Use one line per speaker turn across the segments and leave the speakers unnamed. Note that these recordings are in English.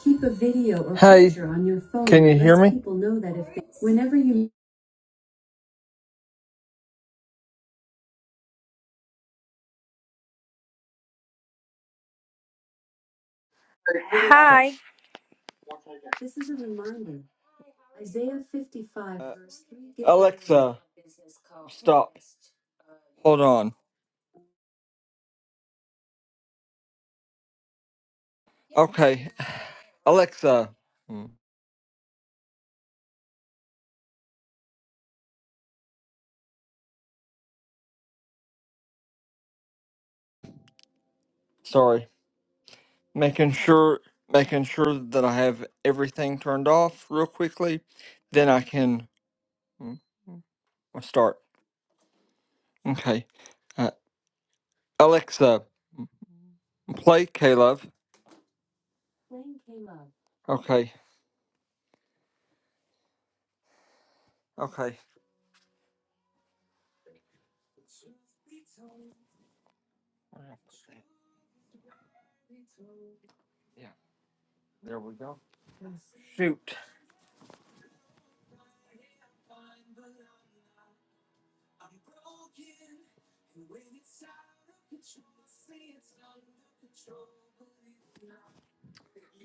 Keep a video or Hi. picture on your phone. Can you hear me? People know that if they, whenever you Okay.
Hi,
Isaiah 55 Uh, verse 3 Alexa, stop. Hold on. Okay. Alexa, mm, sorry. Making sure making sure that I have everything turned off real quickly, then I can mm, start. Okay. Uh, Alexa, play Caleb. Okay. Okay. Yeah. There we go. Shoot.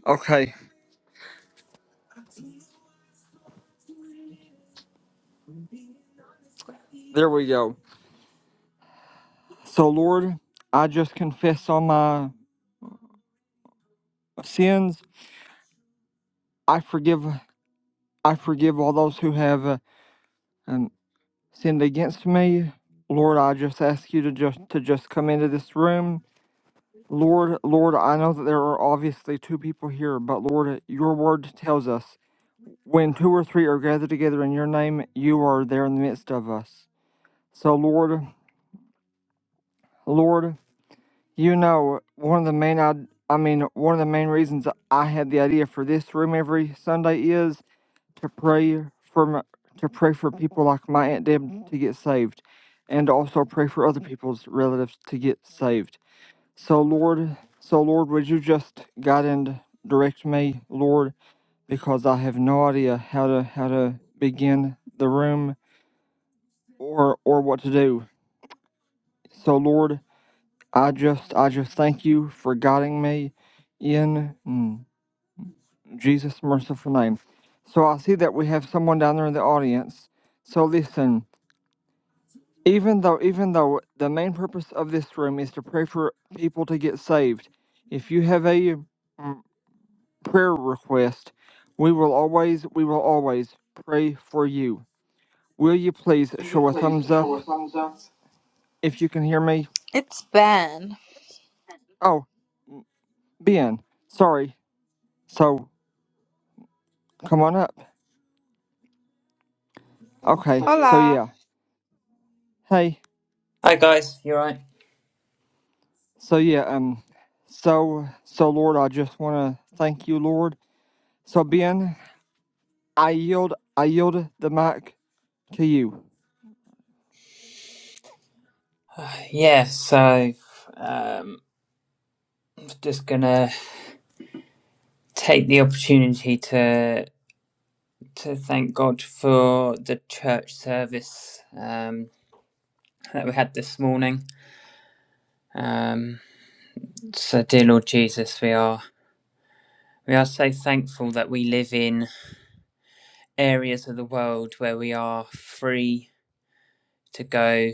Okay. There we go. So Lord, I just confess all my sins. I forgive I forgive all those who have uh, um, sinned against me. Lord, I just ask you to just to just come into this room. Lord, Lord, I know that there are obviously two people here, but Lord, your word tells us when two or three are gathered together in your name, you are there in the midst of us. So Lord, Lord, You know, one of the main I, I mean, one of the main reasons I had the idea for this room every Sunday is to pray for my, to pray for people like my aunt Deb to get saved, and to also pray for other people's relatives to get saved. So Lord, so Lord, would you just guide and direct me, Lord, because I have no idea how to how to begin the room or or what to do. So Lord. I just, I just thank you for guiding me in mm, Jesus' merciful name. So I see that we have someone down there in the audience. So listen, even though, even though the main purpose of this room is to pray for people to get saved, if you have a mm, prayer request, we will always, we will always pray for you. Will you please
Can you
show a
please
thumbs up
show a thumbs up?
if you can hear me?
it's Ben.
Oh, Ben, sorry. So come on up. Okay, so
Hola.
yeah. Hey,
Hi guys, you alright?
so yeah, um, so so Lord, I just want to thank you, Lord. So Ben, I yield, I yield the mic to you.
Uh, Yeah, so um, I'm just gonna take the opportunity to to thank God for the church service um, that we had this morning. Um, so, dear Lord Jesus, we are we are so thankful that we live in areas of the world where we are free to go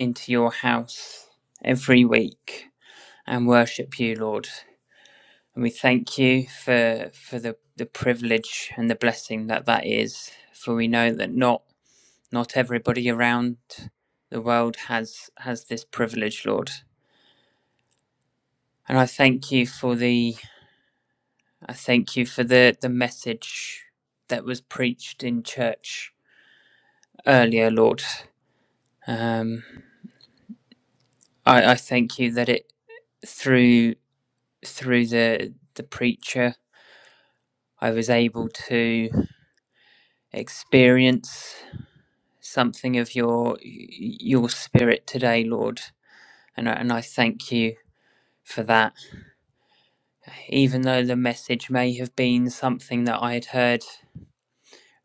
into your house every week and worship you, Lord. And we thank you for for the, the privilege and the blessing that that is. For we know that not not everybody around the world has has this privilege, Lord. And I thank you for the I thank you for the the message that was preached in church earlier, Lord. Um, I, I thank you that it through through the the preacher I was able to experience something of your your spirit today, Lord, and I, and I thank you for that. Even though the message may have been something that I had heard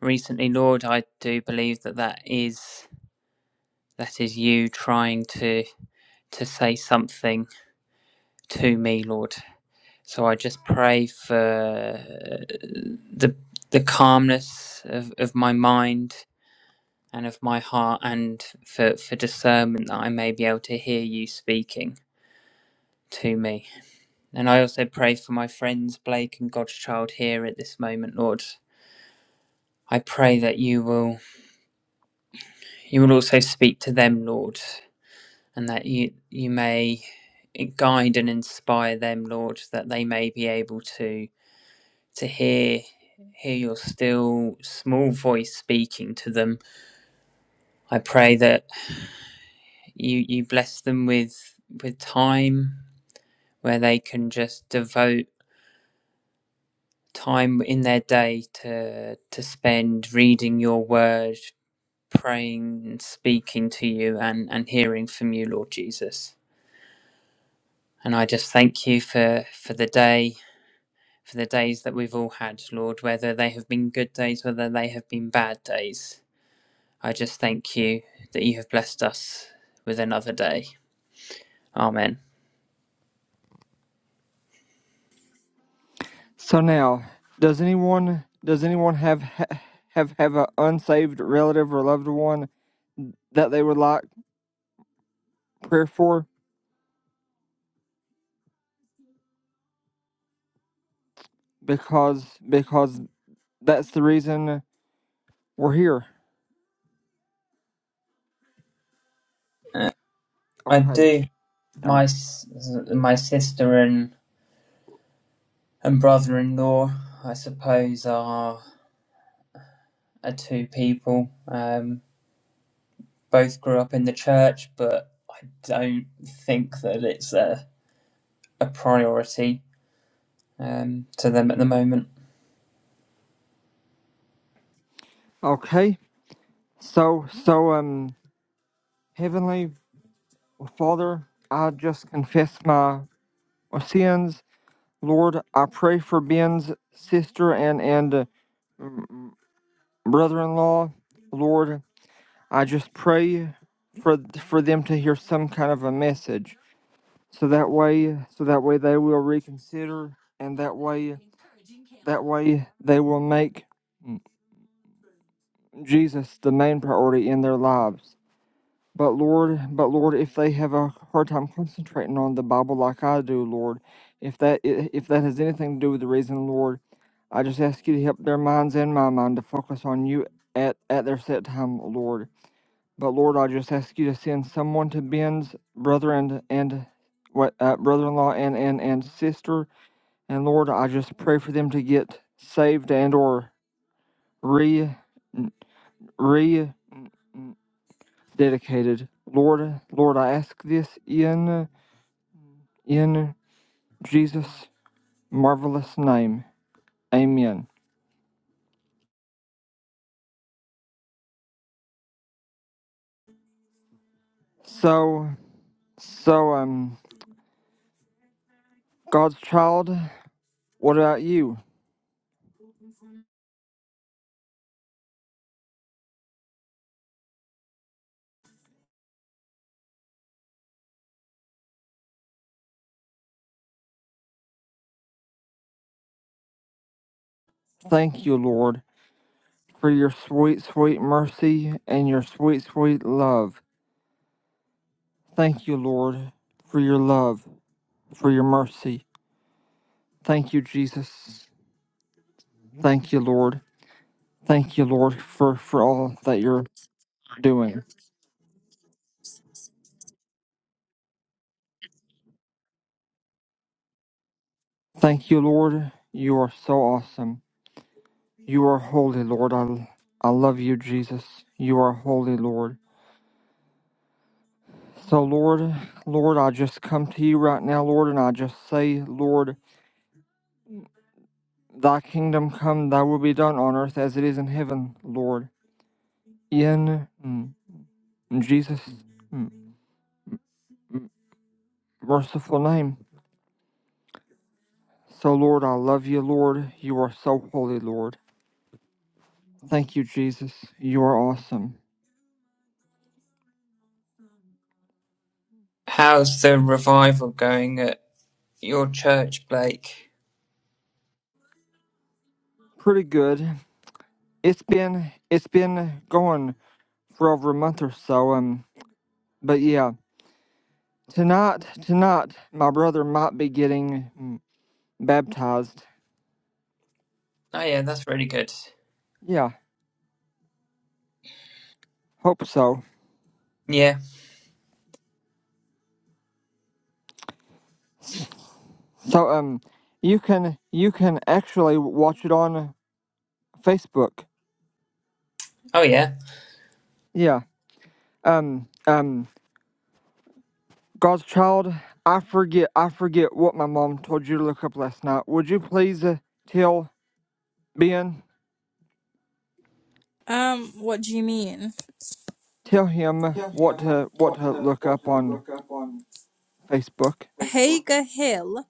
recently, Lord, I do believe that that is that is you trying to to say something to me, Lord. So I just pray for the the calmness of, of my mind and of my heart and for, for discernment that I may be able to hear you speaking to me. And I also pray for my friends Blake and Godchild here at this moment, Lord. I pray that you will you will also speak to them, Lord, and that you you may guide and inspire them, Lord, that they may be able to to hear hear your still small voice speaking to them. I pray that you you bless them with with time where they can just devote time in their day to to spend reading your word, praying and speaking to you and, and hearing from you, Lord Jesus. And I just thank you for, for the day, for the days that we've all had, Lord, whether they have been good days, whether they have been bad days. I just thank you that you have blessed us with another day. Amen.
So now, does anyone does anyone have ha- have have an unsaved relative or loved one that they would like prayer for? Because because that's the reason we're here.
Uh, I
Okay.
do my
Oh.
s- my sister and and brother-in-law, I suppose, are. are two people. Um, both grew up in the church, but I don't think that it's a, a priority um, to them at the moment.
Okay. So so um, Heavenly Father, I just confess my sins Lord, I pray for Ben's sister and, and brother in law. Lord, I just pray for for them to hear some kind of a message. So that way so that way they will reconsider and that way that way they will make Jesus the main priority in their lives. But Lord, but Lord, if they have a hard time concentrating on the Bible like I do, Lord, if that i- if that has anything to do with the reason, Lord, I just ask you to help their minds and my mind to focus on you at at their set time, Lord. But Lord, I just ask you to send someone to Ben's brother and and what uh, brother-in-law and and and sister, and Lord, I just pray for them to get saved and or re re dedicated. Lord, Lord, I ask this in. In Jesus' marvelous name. Amen. So, so, um, God's child, what about you? Thank you, Lord, for your sweet, sweet mercy and your sweet, sweet love. Thank you, Lord, for your love, for your mercy. Thank you, Jesus. Thank you, Lord. Thank you, Lord, for, for all that you're doing. Thank you, Lord. You are so awesome. You are holy, Lord. I, I love you, Jesus. You are holy, Lord. So, Lord, Lord, I just come to you right now, Lord, and I just say, Lord, thy kingdom come, thy will be done on earth as it is in heaven, Lord, in mm, Jesus' mm, merciful name. So, Lord, I love you, Lord. You are so holy, Lord. Thank you, Jesus. You are awesome.
How's the revival going at your church, Blake?
Pretty good. It's been it's been going for over a month or so, um, but yeah, tonight tonight my brother might be getting mm, baptized.
Oh, yeah, that's really good.
Yeah, Hope so.
Yeah.
So um, you can you can actually watch it on Facebook.
Oh, yeah.
Yeah. Um um, God's child. I forget I forget what my mom told you to look up last night. Would you please uh, tell Ben
Um, what do you mean?
tell him
Tell
what
him
to what
What,
to
to,
look
what,
up
to
on
Look up on
Facebook?
Facebook. Hager Hill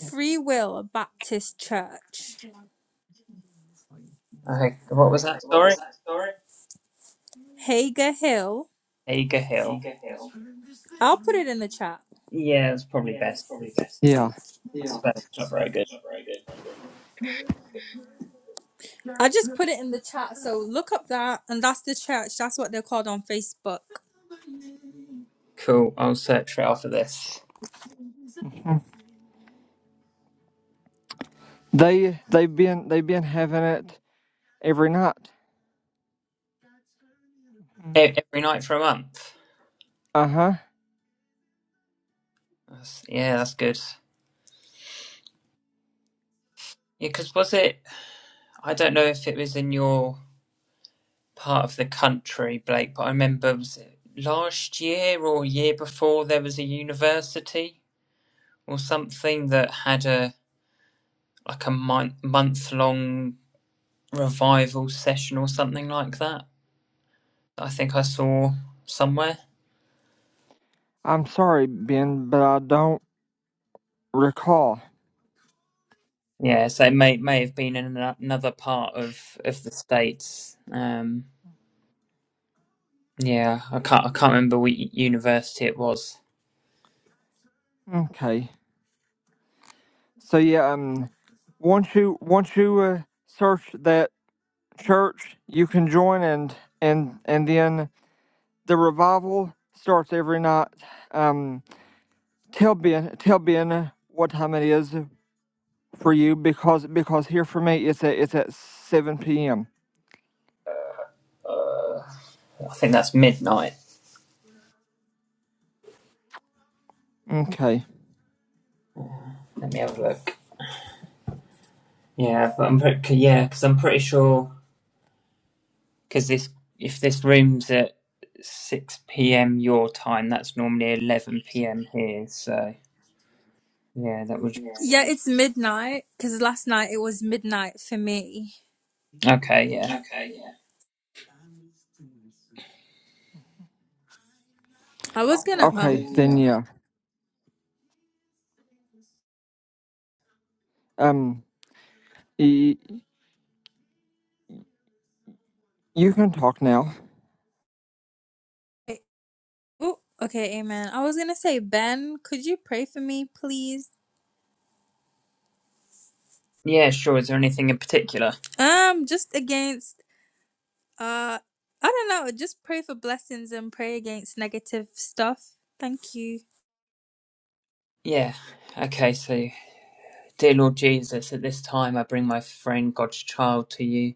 Yeah.
Free Will Baptist Church.
Okay. What was that? Sorry?
Hager Hill.
Hager Hill.
I'll put it in the chat.
Yeah, it's probably best. 'cause
Yeah.
I
Yeah.
suppose it's not very good.
I just put it in the chat. So look up that, and that's the church. That's what they're called on Facebook.
Cool. I'll search for it after this.
Mm. They they've been they've been having it every night. Mm.
E- Every night for a month.
Uh huh.
That's, yeah, that's good. Yeah, because was it I don't know if it was in your part of the country, Blake, but I remember was it last year or year before there was a university or something that had a like a month month long revival session or something like that. I think I saw somewhere.
I'm sorry, Ben, but I don't recall.
Yeah, so it may may have been in ano- another part of of the states. Um, yeah, I can't I can't remember what u- university it was.
Okay. So yeah, um, once you once you uh, search that church, you can join and and and then the revival starts every night. Um, tell Ben tell Ben what time it is for you because because here for me it's at it's at seven p.m.
Uh, I think that's midnight.
Okay,
Let me have a look. Yeah, but I'm pretty, yeah, because I'm pretty sure because this if this room's at six p.m. your time, that's normally eleven p.m. here. So yeah, that would
Yeah, Yeah. it's midnight because last night it was midnight for me.
okay. Yeah,
I was oh, gonna.
okay, then
um.
yeah. Um, y- you can talk now.
Yeah. Oh, okay, amen. I was gonna say, Ben, could you pray for me, please?
yeah, sure. Is there anything in particular?
Um, just against uh I don't know, just pray for blessings and pray against negative stuff. Thank you.
Yeah. Okay. So, dear Lord Jesus, at this time I bring my friend God's child to you.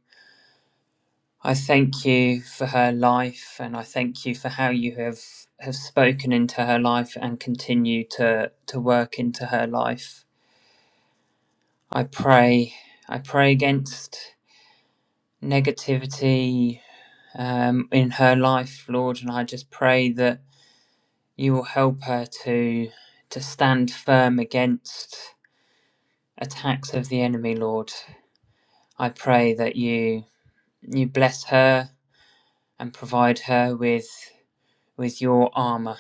I thank you for her life, and I thank you for how you have have spoken into her life and continue to to work into her life. I pray. I pray against negativity um, in her life, Lord, and I just pray that you will help her to to stand firm against attacks of the enemy, Lord. I pray that you you bless her and provide her with with your armor,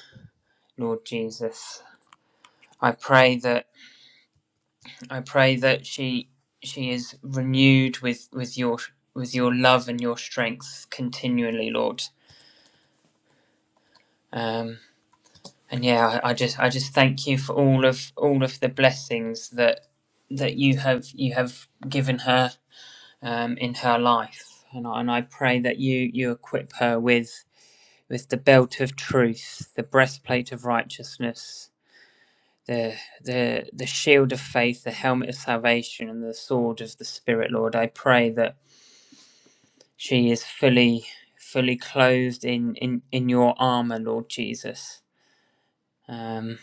Lord Jesus. I pray that I pray that she she is renewed with with your with your love and your strength continually, Lord. um, and yeah I, I just i just thank you for all of all of the blessings that that you have you have given her um, in her life and I, and I pray that you you equip her with with the belt of truth the breastplate of righteousness the the the shield of faith the helmet of salvation and the sword of the spirit lord i pray that she is fully fully clothed in in in your armor lord jesus Um,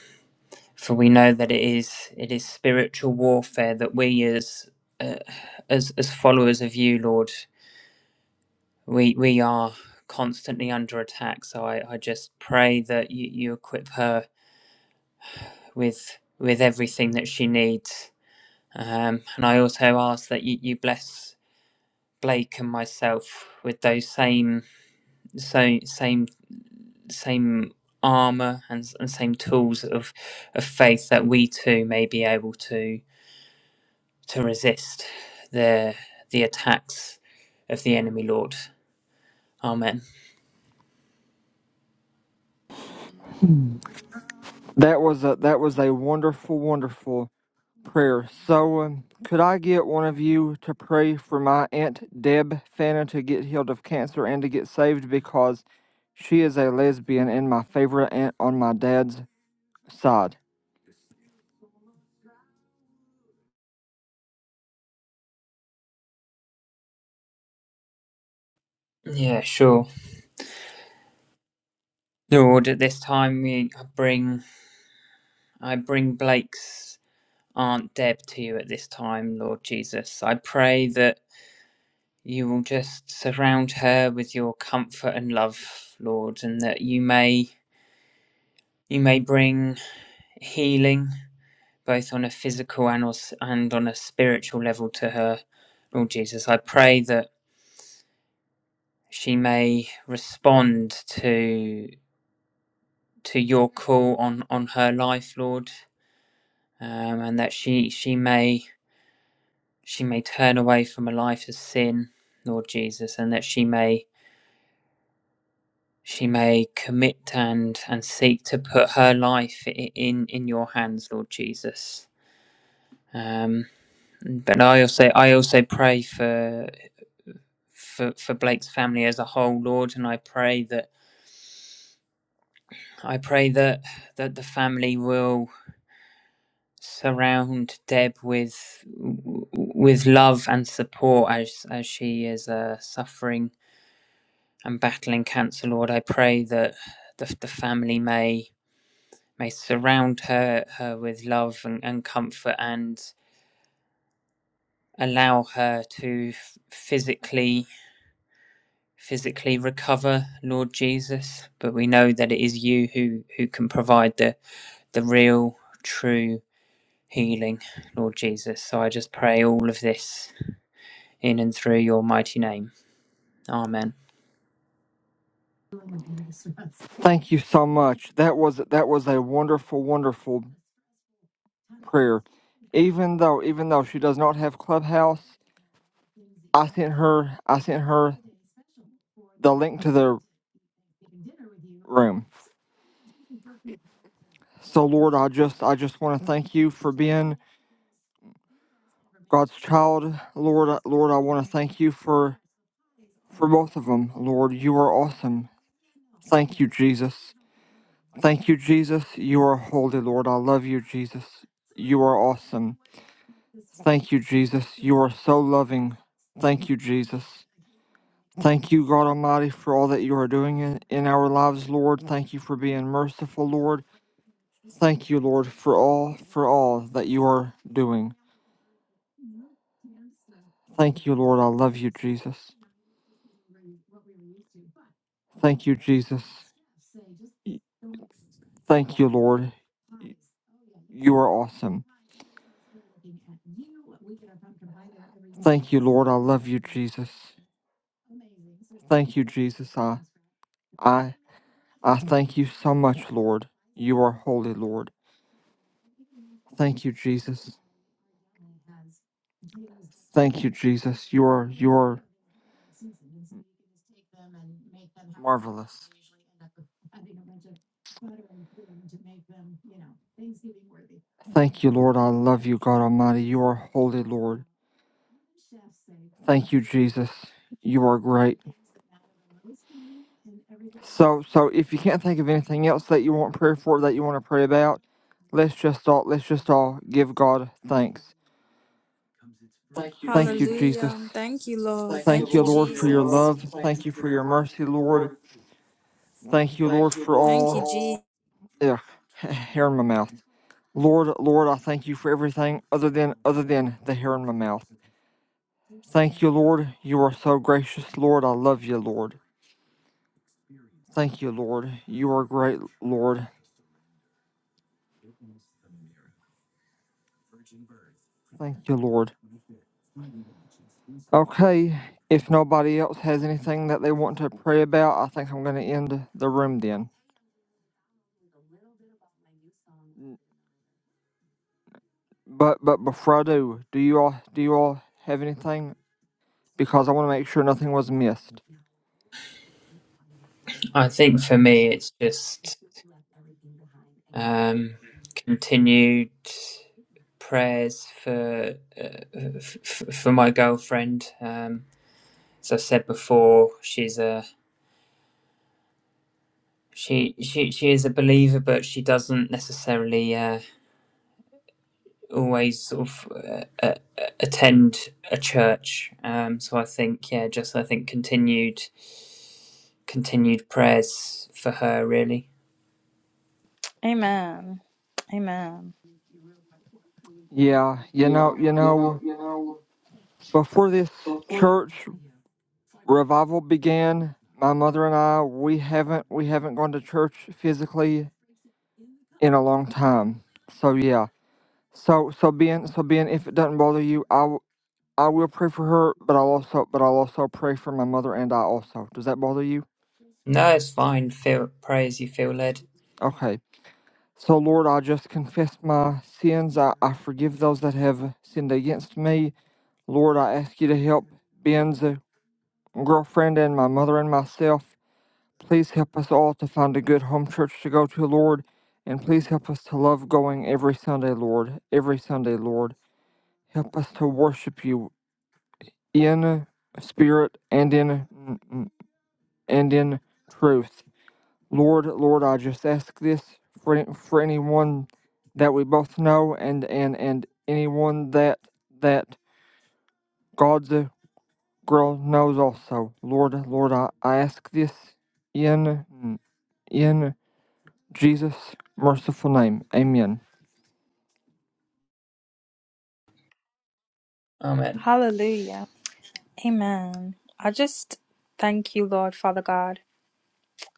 for we know that it is it is spiritual warfare that we as uh, as as followers of you lord we we are constantly under attack so i i just pray that you, you equip her with with everything that she needs um and i also ask that you, you bless blake and myself with those same so same same armor and, and same tools of of faith that we too may be able to to resist the the attacks of the enemy lord amen
That was a that was a wonderful, wonderful prayer. So, um, could I get one of you to pray for my aunt Deb Fanna to get healed of cancer and to get saved because she is a lesbian and my favorite aunt on my dad's side.
yeah sure lord at this time we I bring i bring blake's aunt deb to you at this time lord jesus i pray that you will just surround her with your comfort and love lord and that you may you may bring healing both on a physical and, als- and on a spiritual level to her lord jesus i pray that she may respond to to your call on on her life, Lord, um, and that she she may she may turn away from a life of sin, Lord Jesus, and that she may she may commit and and seek to put her life in in your hands, Lord Jesus. Um, but I also I also pray for. For, for Blake's family as a whole, Lord, and I pray that I pray that that the family will surround Deb with with love and support as as she is uh, suffering and battling cancer. Lord, I pray that the, the family may may surround her her with love and, and comfort and allow her to f- physically physically recover lord jesus but we know that it is you who who can provide the the real true healing lord jesus so i just pray all of this in and through your mighty name. Amen.
Thank you so much. That was that was a wonderful, wonderful prayer. Even though even though she does not have Clubhouse, I sent her I sent her the link to the room. So Lord, I just I just want to thank you for being God's child, Lord, Lord, I want to thank you for for both of them, Lord. You are awesome. Thank you, Jesus. Thank you, Jesus. You are holy, Lord. I love you, Jesus. You are awesome. Thank you, Jesus. You are so loving. Thank you, Jesus. Thank you, God Almighty, for all that you are doing in, in our lives, Lord. Thank you for being merciful, Lord. Thank you, Lord, for all for all that you are doing. Thank you, Lord. I love you, Jesus. Thank you, Jesus. Thank you, Lord. You are awesome. Thank you, Lord. I love you, Jesus. Thank you, Jesus. I I I thank you so much, Lord. You are holy, Lord. Thank you, Jesus. Thank you, Jesus. You are you are marvelous. Thank you, Lord. I love you, God Almighty. You are holy, Lord. Thank you, Jesus. You are great. So, so if you can't think of anything else that you want prayer for, that you want to pray about, let's just all let's just all give God thanks.
Thank you,
Thank
Jesus.
you, Jesus.
Hallelujah. Thank you, Lord. Thank you, Thank
Thank
you, you,
you,
Lord,
Lord,
Jesus.
for
for your
your
love. Jesus.
love.
Thank you
Thank you
for
for
your
your
mercy,
mercy, Lord.
Lord.
Thank you, Lord,
Thank you,
for
Lord, Thank for you,
all.
Jesus.
Yeah, hair in my mouth. Lord, Lord, I thank you for everything other than other than the hair in my mouth. Thank you, Lord. You are so gracious, Lord. I love you, Lord. Thank you, Lord. You are great, Lord. Thank you, Lord. Okay, if nobody else has anything that they want to pray about, I think I'm going to end the room then. But but before I do, do you all do you all have anything? Because I want to make sure nothing was missed.
I think for me, it's just um, continued prayers for uh, f- for my girlfriend. Um, as I said before, she's a she she she is a believer, but she doesn't necessarily uh, always sort of uh, uh, attend a church. Um, so I think yeah, just I think continued continued prayers for her really.
Amen. Amen.
Yeah, you know
Yeah,
you
you know,
know
you know,
before this
before
church revival began, my mother and I we haven't we haven't gone to church physically in a long time. So yeah. So so Ben so Ben if it doesn't bother you, I w- I will pray for her, but I'll also but I'll also pray for my mother and I also. Does that bother you?
No, it's fine. Feel pray as you feel led.
Okay. So Lord, I just confess my sins. I, I forgive those that have sinned against me. Lord, I ask you to help Ben's uh, girlfriend and my mother and myself. Please help us all to find a good home church to go to, Lord, and please help us to love going every Sunday, Lord. Every Sunday, Lord. Help us to worship you in spirit and in and in truth. Lord, Lord, I just ask this for for anyone that we both know and and and anyone that that God's girl knows also. Lord, Lord, I, I ask this in in Jesus' merciful name. Amen.
Amen.
Hallelujah. Amen. I just thank you, Lord, Father God.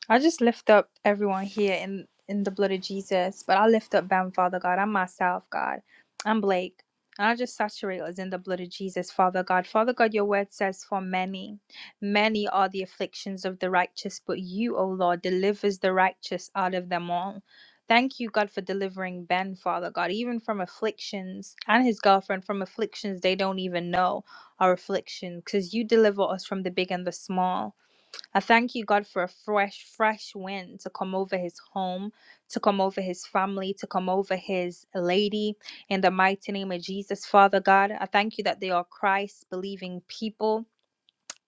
I just lift up everyone here in in the blood of Jesus, but I lift up Bam, Father God. I'm myself, God. I'm Blake. And I just saturate us in the blood of Jesus, Father God. Father God, your word says, For many, many are the afflictions of the righteous, but you, O Lord, delivers the righteous out of them all. Thank you, God, for delivering Ben, Father God, even from afflictions and his girlfriend from afflictions they don't even know are afflictions, because you deliver us from the big and the small. I thank you, God, for a fresh, fresh wind to come over his home, to come over his family, to come over his lady. In the mighty name of Jesus, Father God, I thank you that they are Christ believing people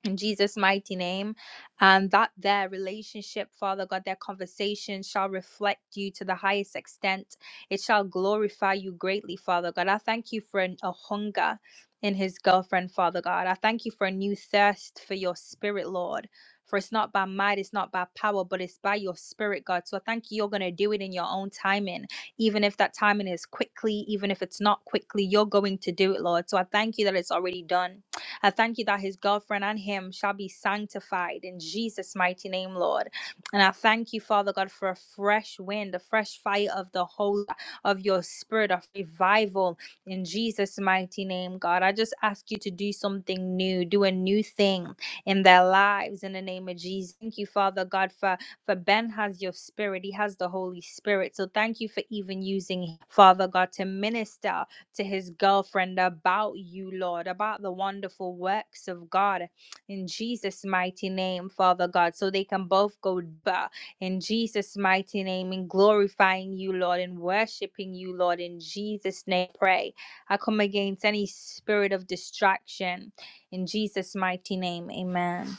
in Jesus' mighty name, and that their relationship, Father God, their conversation shall reflect you to the highest extent. It shall glorify you greatly, Father God. I thank you for an- a hunger in his girlfriend, Father God. I thank you for a new thirst for your spirit, Lord. For it's not by might, it's not by power, but it's by your spirit, God. So I thank you, you're going to do it in your own timing. Even if that timing is quickly, even if it's not quickly, you're going to do it, Lord. So I thank you that it's already done. I thank you that his girlfriend and him shall be sanctified in Jesus' mighty name, Lord. And I thank you, Father God, for a fresh wind, a fresh fire of the whole of your spirit of revival in Jesus' mighty name, God. I just ask you to do something new, do a new thing in their lives in the name of Jesus. Thank you, Father God, for for Ben has your spirit. He has the Holy Spirit. So thank you for even using him, Father God to minister to his girlfriend about you, Lord, about the wonderful works of God in Jesus' mighty name, Father God, so they can both go ba- in Jesus' mighty name in glorifying you, Lord, and worshiping you, Lord, in Jesus' name. Pray. I come against any spirit of distraction in Jesus' mighty name. Amen.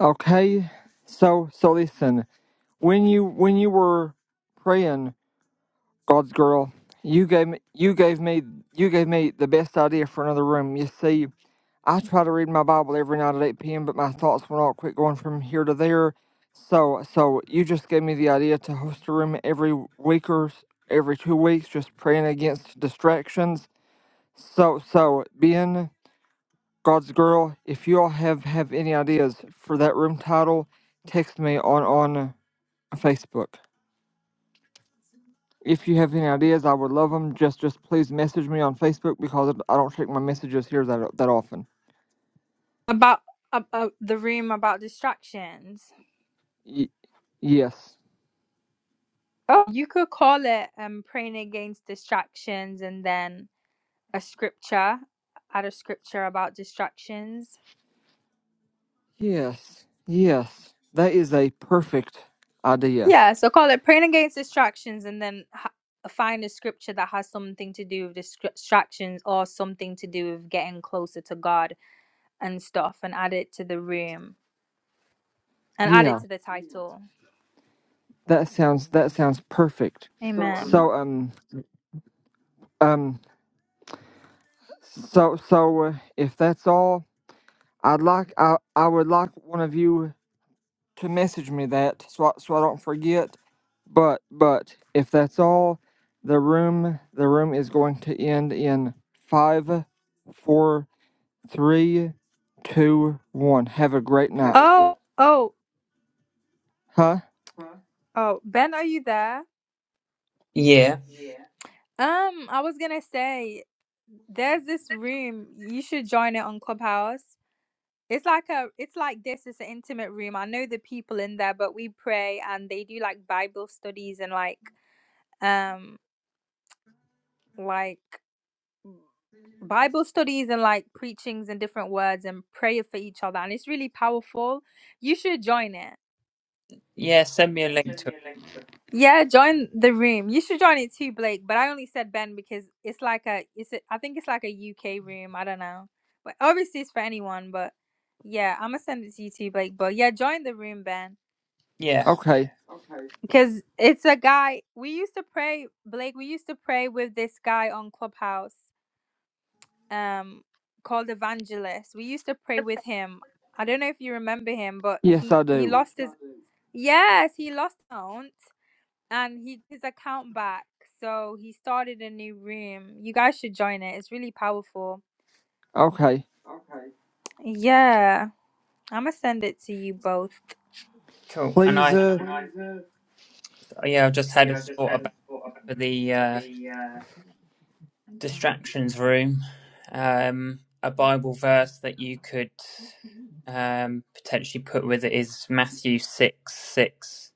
Okay, so so listen, when you when you were praying God's girl, you gave me you gave me you gave me the best idea for another room. You see, I try to read my Bible every night at eight PM, but my thoughts will not quit going from here to there. So so you just gave me the idea to host a room every week or s- every two weeks, just praying against distractions. So so being God's girl, if you all have have any ideas for that room title, text me on on Facebook. If you have any ideas, I would love them. Just, just please message me on Facebook because I don't check my messages here that that often.
About uh, uh, the room about distractions.
Y- yes,
Oh, you could call it um praying against distractions and then a scripture add a scripture about distractions.
yes, yes. That is a perfect idea.
Yeah, so call it praying against distractions and then ha- find a scripture that has something to do with distractions or something to do with getting closer to God and stuff and add it to the room and add it
Yeah,
to the title.
that sounds that sounds perfect.
Amen.
So um um so so uh, if that's all, I'd like I I would like one of you to message me that so I, so I don't forget. But but if that's all, the room the room is going to end in five, four, three, two, one. Have a great night.
Oh, oh,
Huh?
oh, Ben, are you there?
Yeah,
Um, I was gonna say there's this room you should join it on Clubhouse. It's like a it's like this, it's an intimate room. I know the people in there, but we pray and they do like Bible studies and like um like Bible studies and like preachings and different words and prayer for each other and it's really powerful. You should join it.
yeah. Send me a link to it.
Yeah, join the room. You should join it too, Blake, but I only said Ben because it's like a it's a, I think it's like a UK room, I don't know. But obviously it's for anyone, but yeah, I'm gonna send it to you too, Blake. But yeah, join the room, Ben.
Yeah,
Okay.
Okay. Because it's a guy we used to pray, Blake. We used to pray with this guy on Clubhouse, um, called Evangelist. We used to pray with him. I don't know if you remember him, but
Yes,
he
I
he
do.
No, lost his I do. yes he lost his account and he his account back. So he started a new room. You guys should join it. It's really powerful.
Okay.
Okay. Yeah, I'm gonna send it to you both.
cool. And
Please.
I,
Uh,
Is there-
yeah, I've just had a thought about for the uh, distractions room, um, a Bible verse that you could um, potentially put with it is Matthew six six.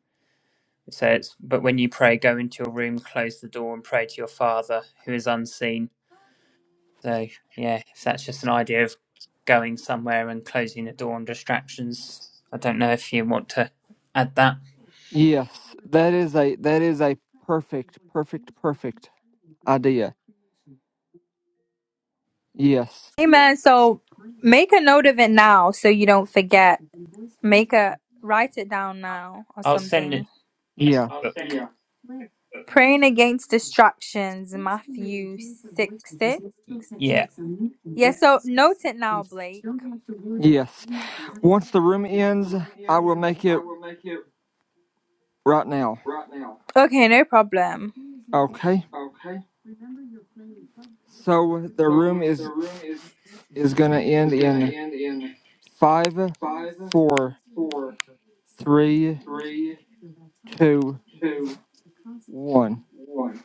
So it's but when you pray, go into your room, close the door, and pray to your Father who is unseen. So yeah, if that's just an idea of going somewhere and closing the door on distractions, I don't know if you want to add that.
yes, that is a that is a perfect perfect perfect idea. Yes.
Amen. So make a note of it now so you don't forget. Make a write it down now or
I'll send it.
something.
Yeah.
But
Praying against distractions, Matthew six six.
yeah,
Yeah, so note it now, Blake.
Yes.
Yes.
Once the room
Once the
ends,
room
I
ends,
will make it
I will make it
right now.
right now. Okay, no problem.
Okay.
Okay.
So the
So
room
the
is
room is
is gonna end
is gonna
in
end in
five,
five,
four,
four,
three,
three,
two,
two,
one.
one.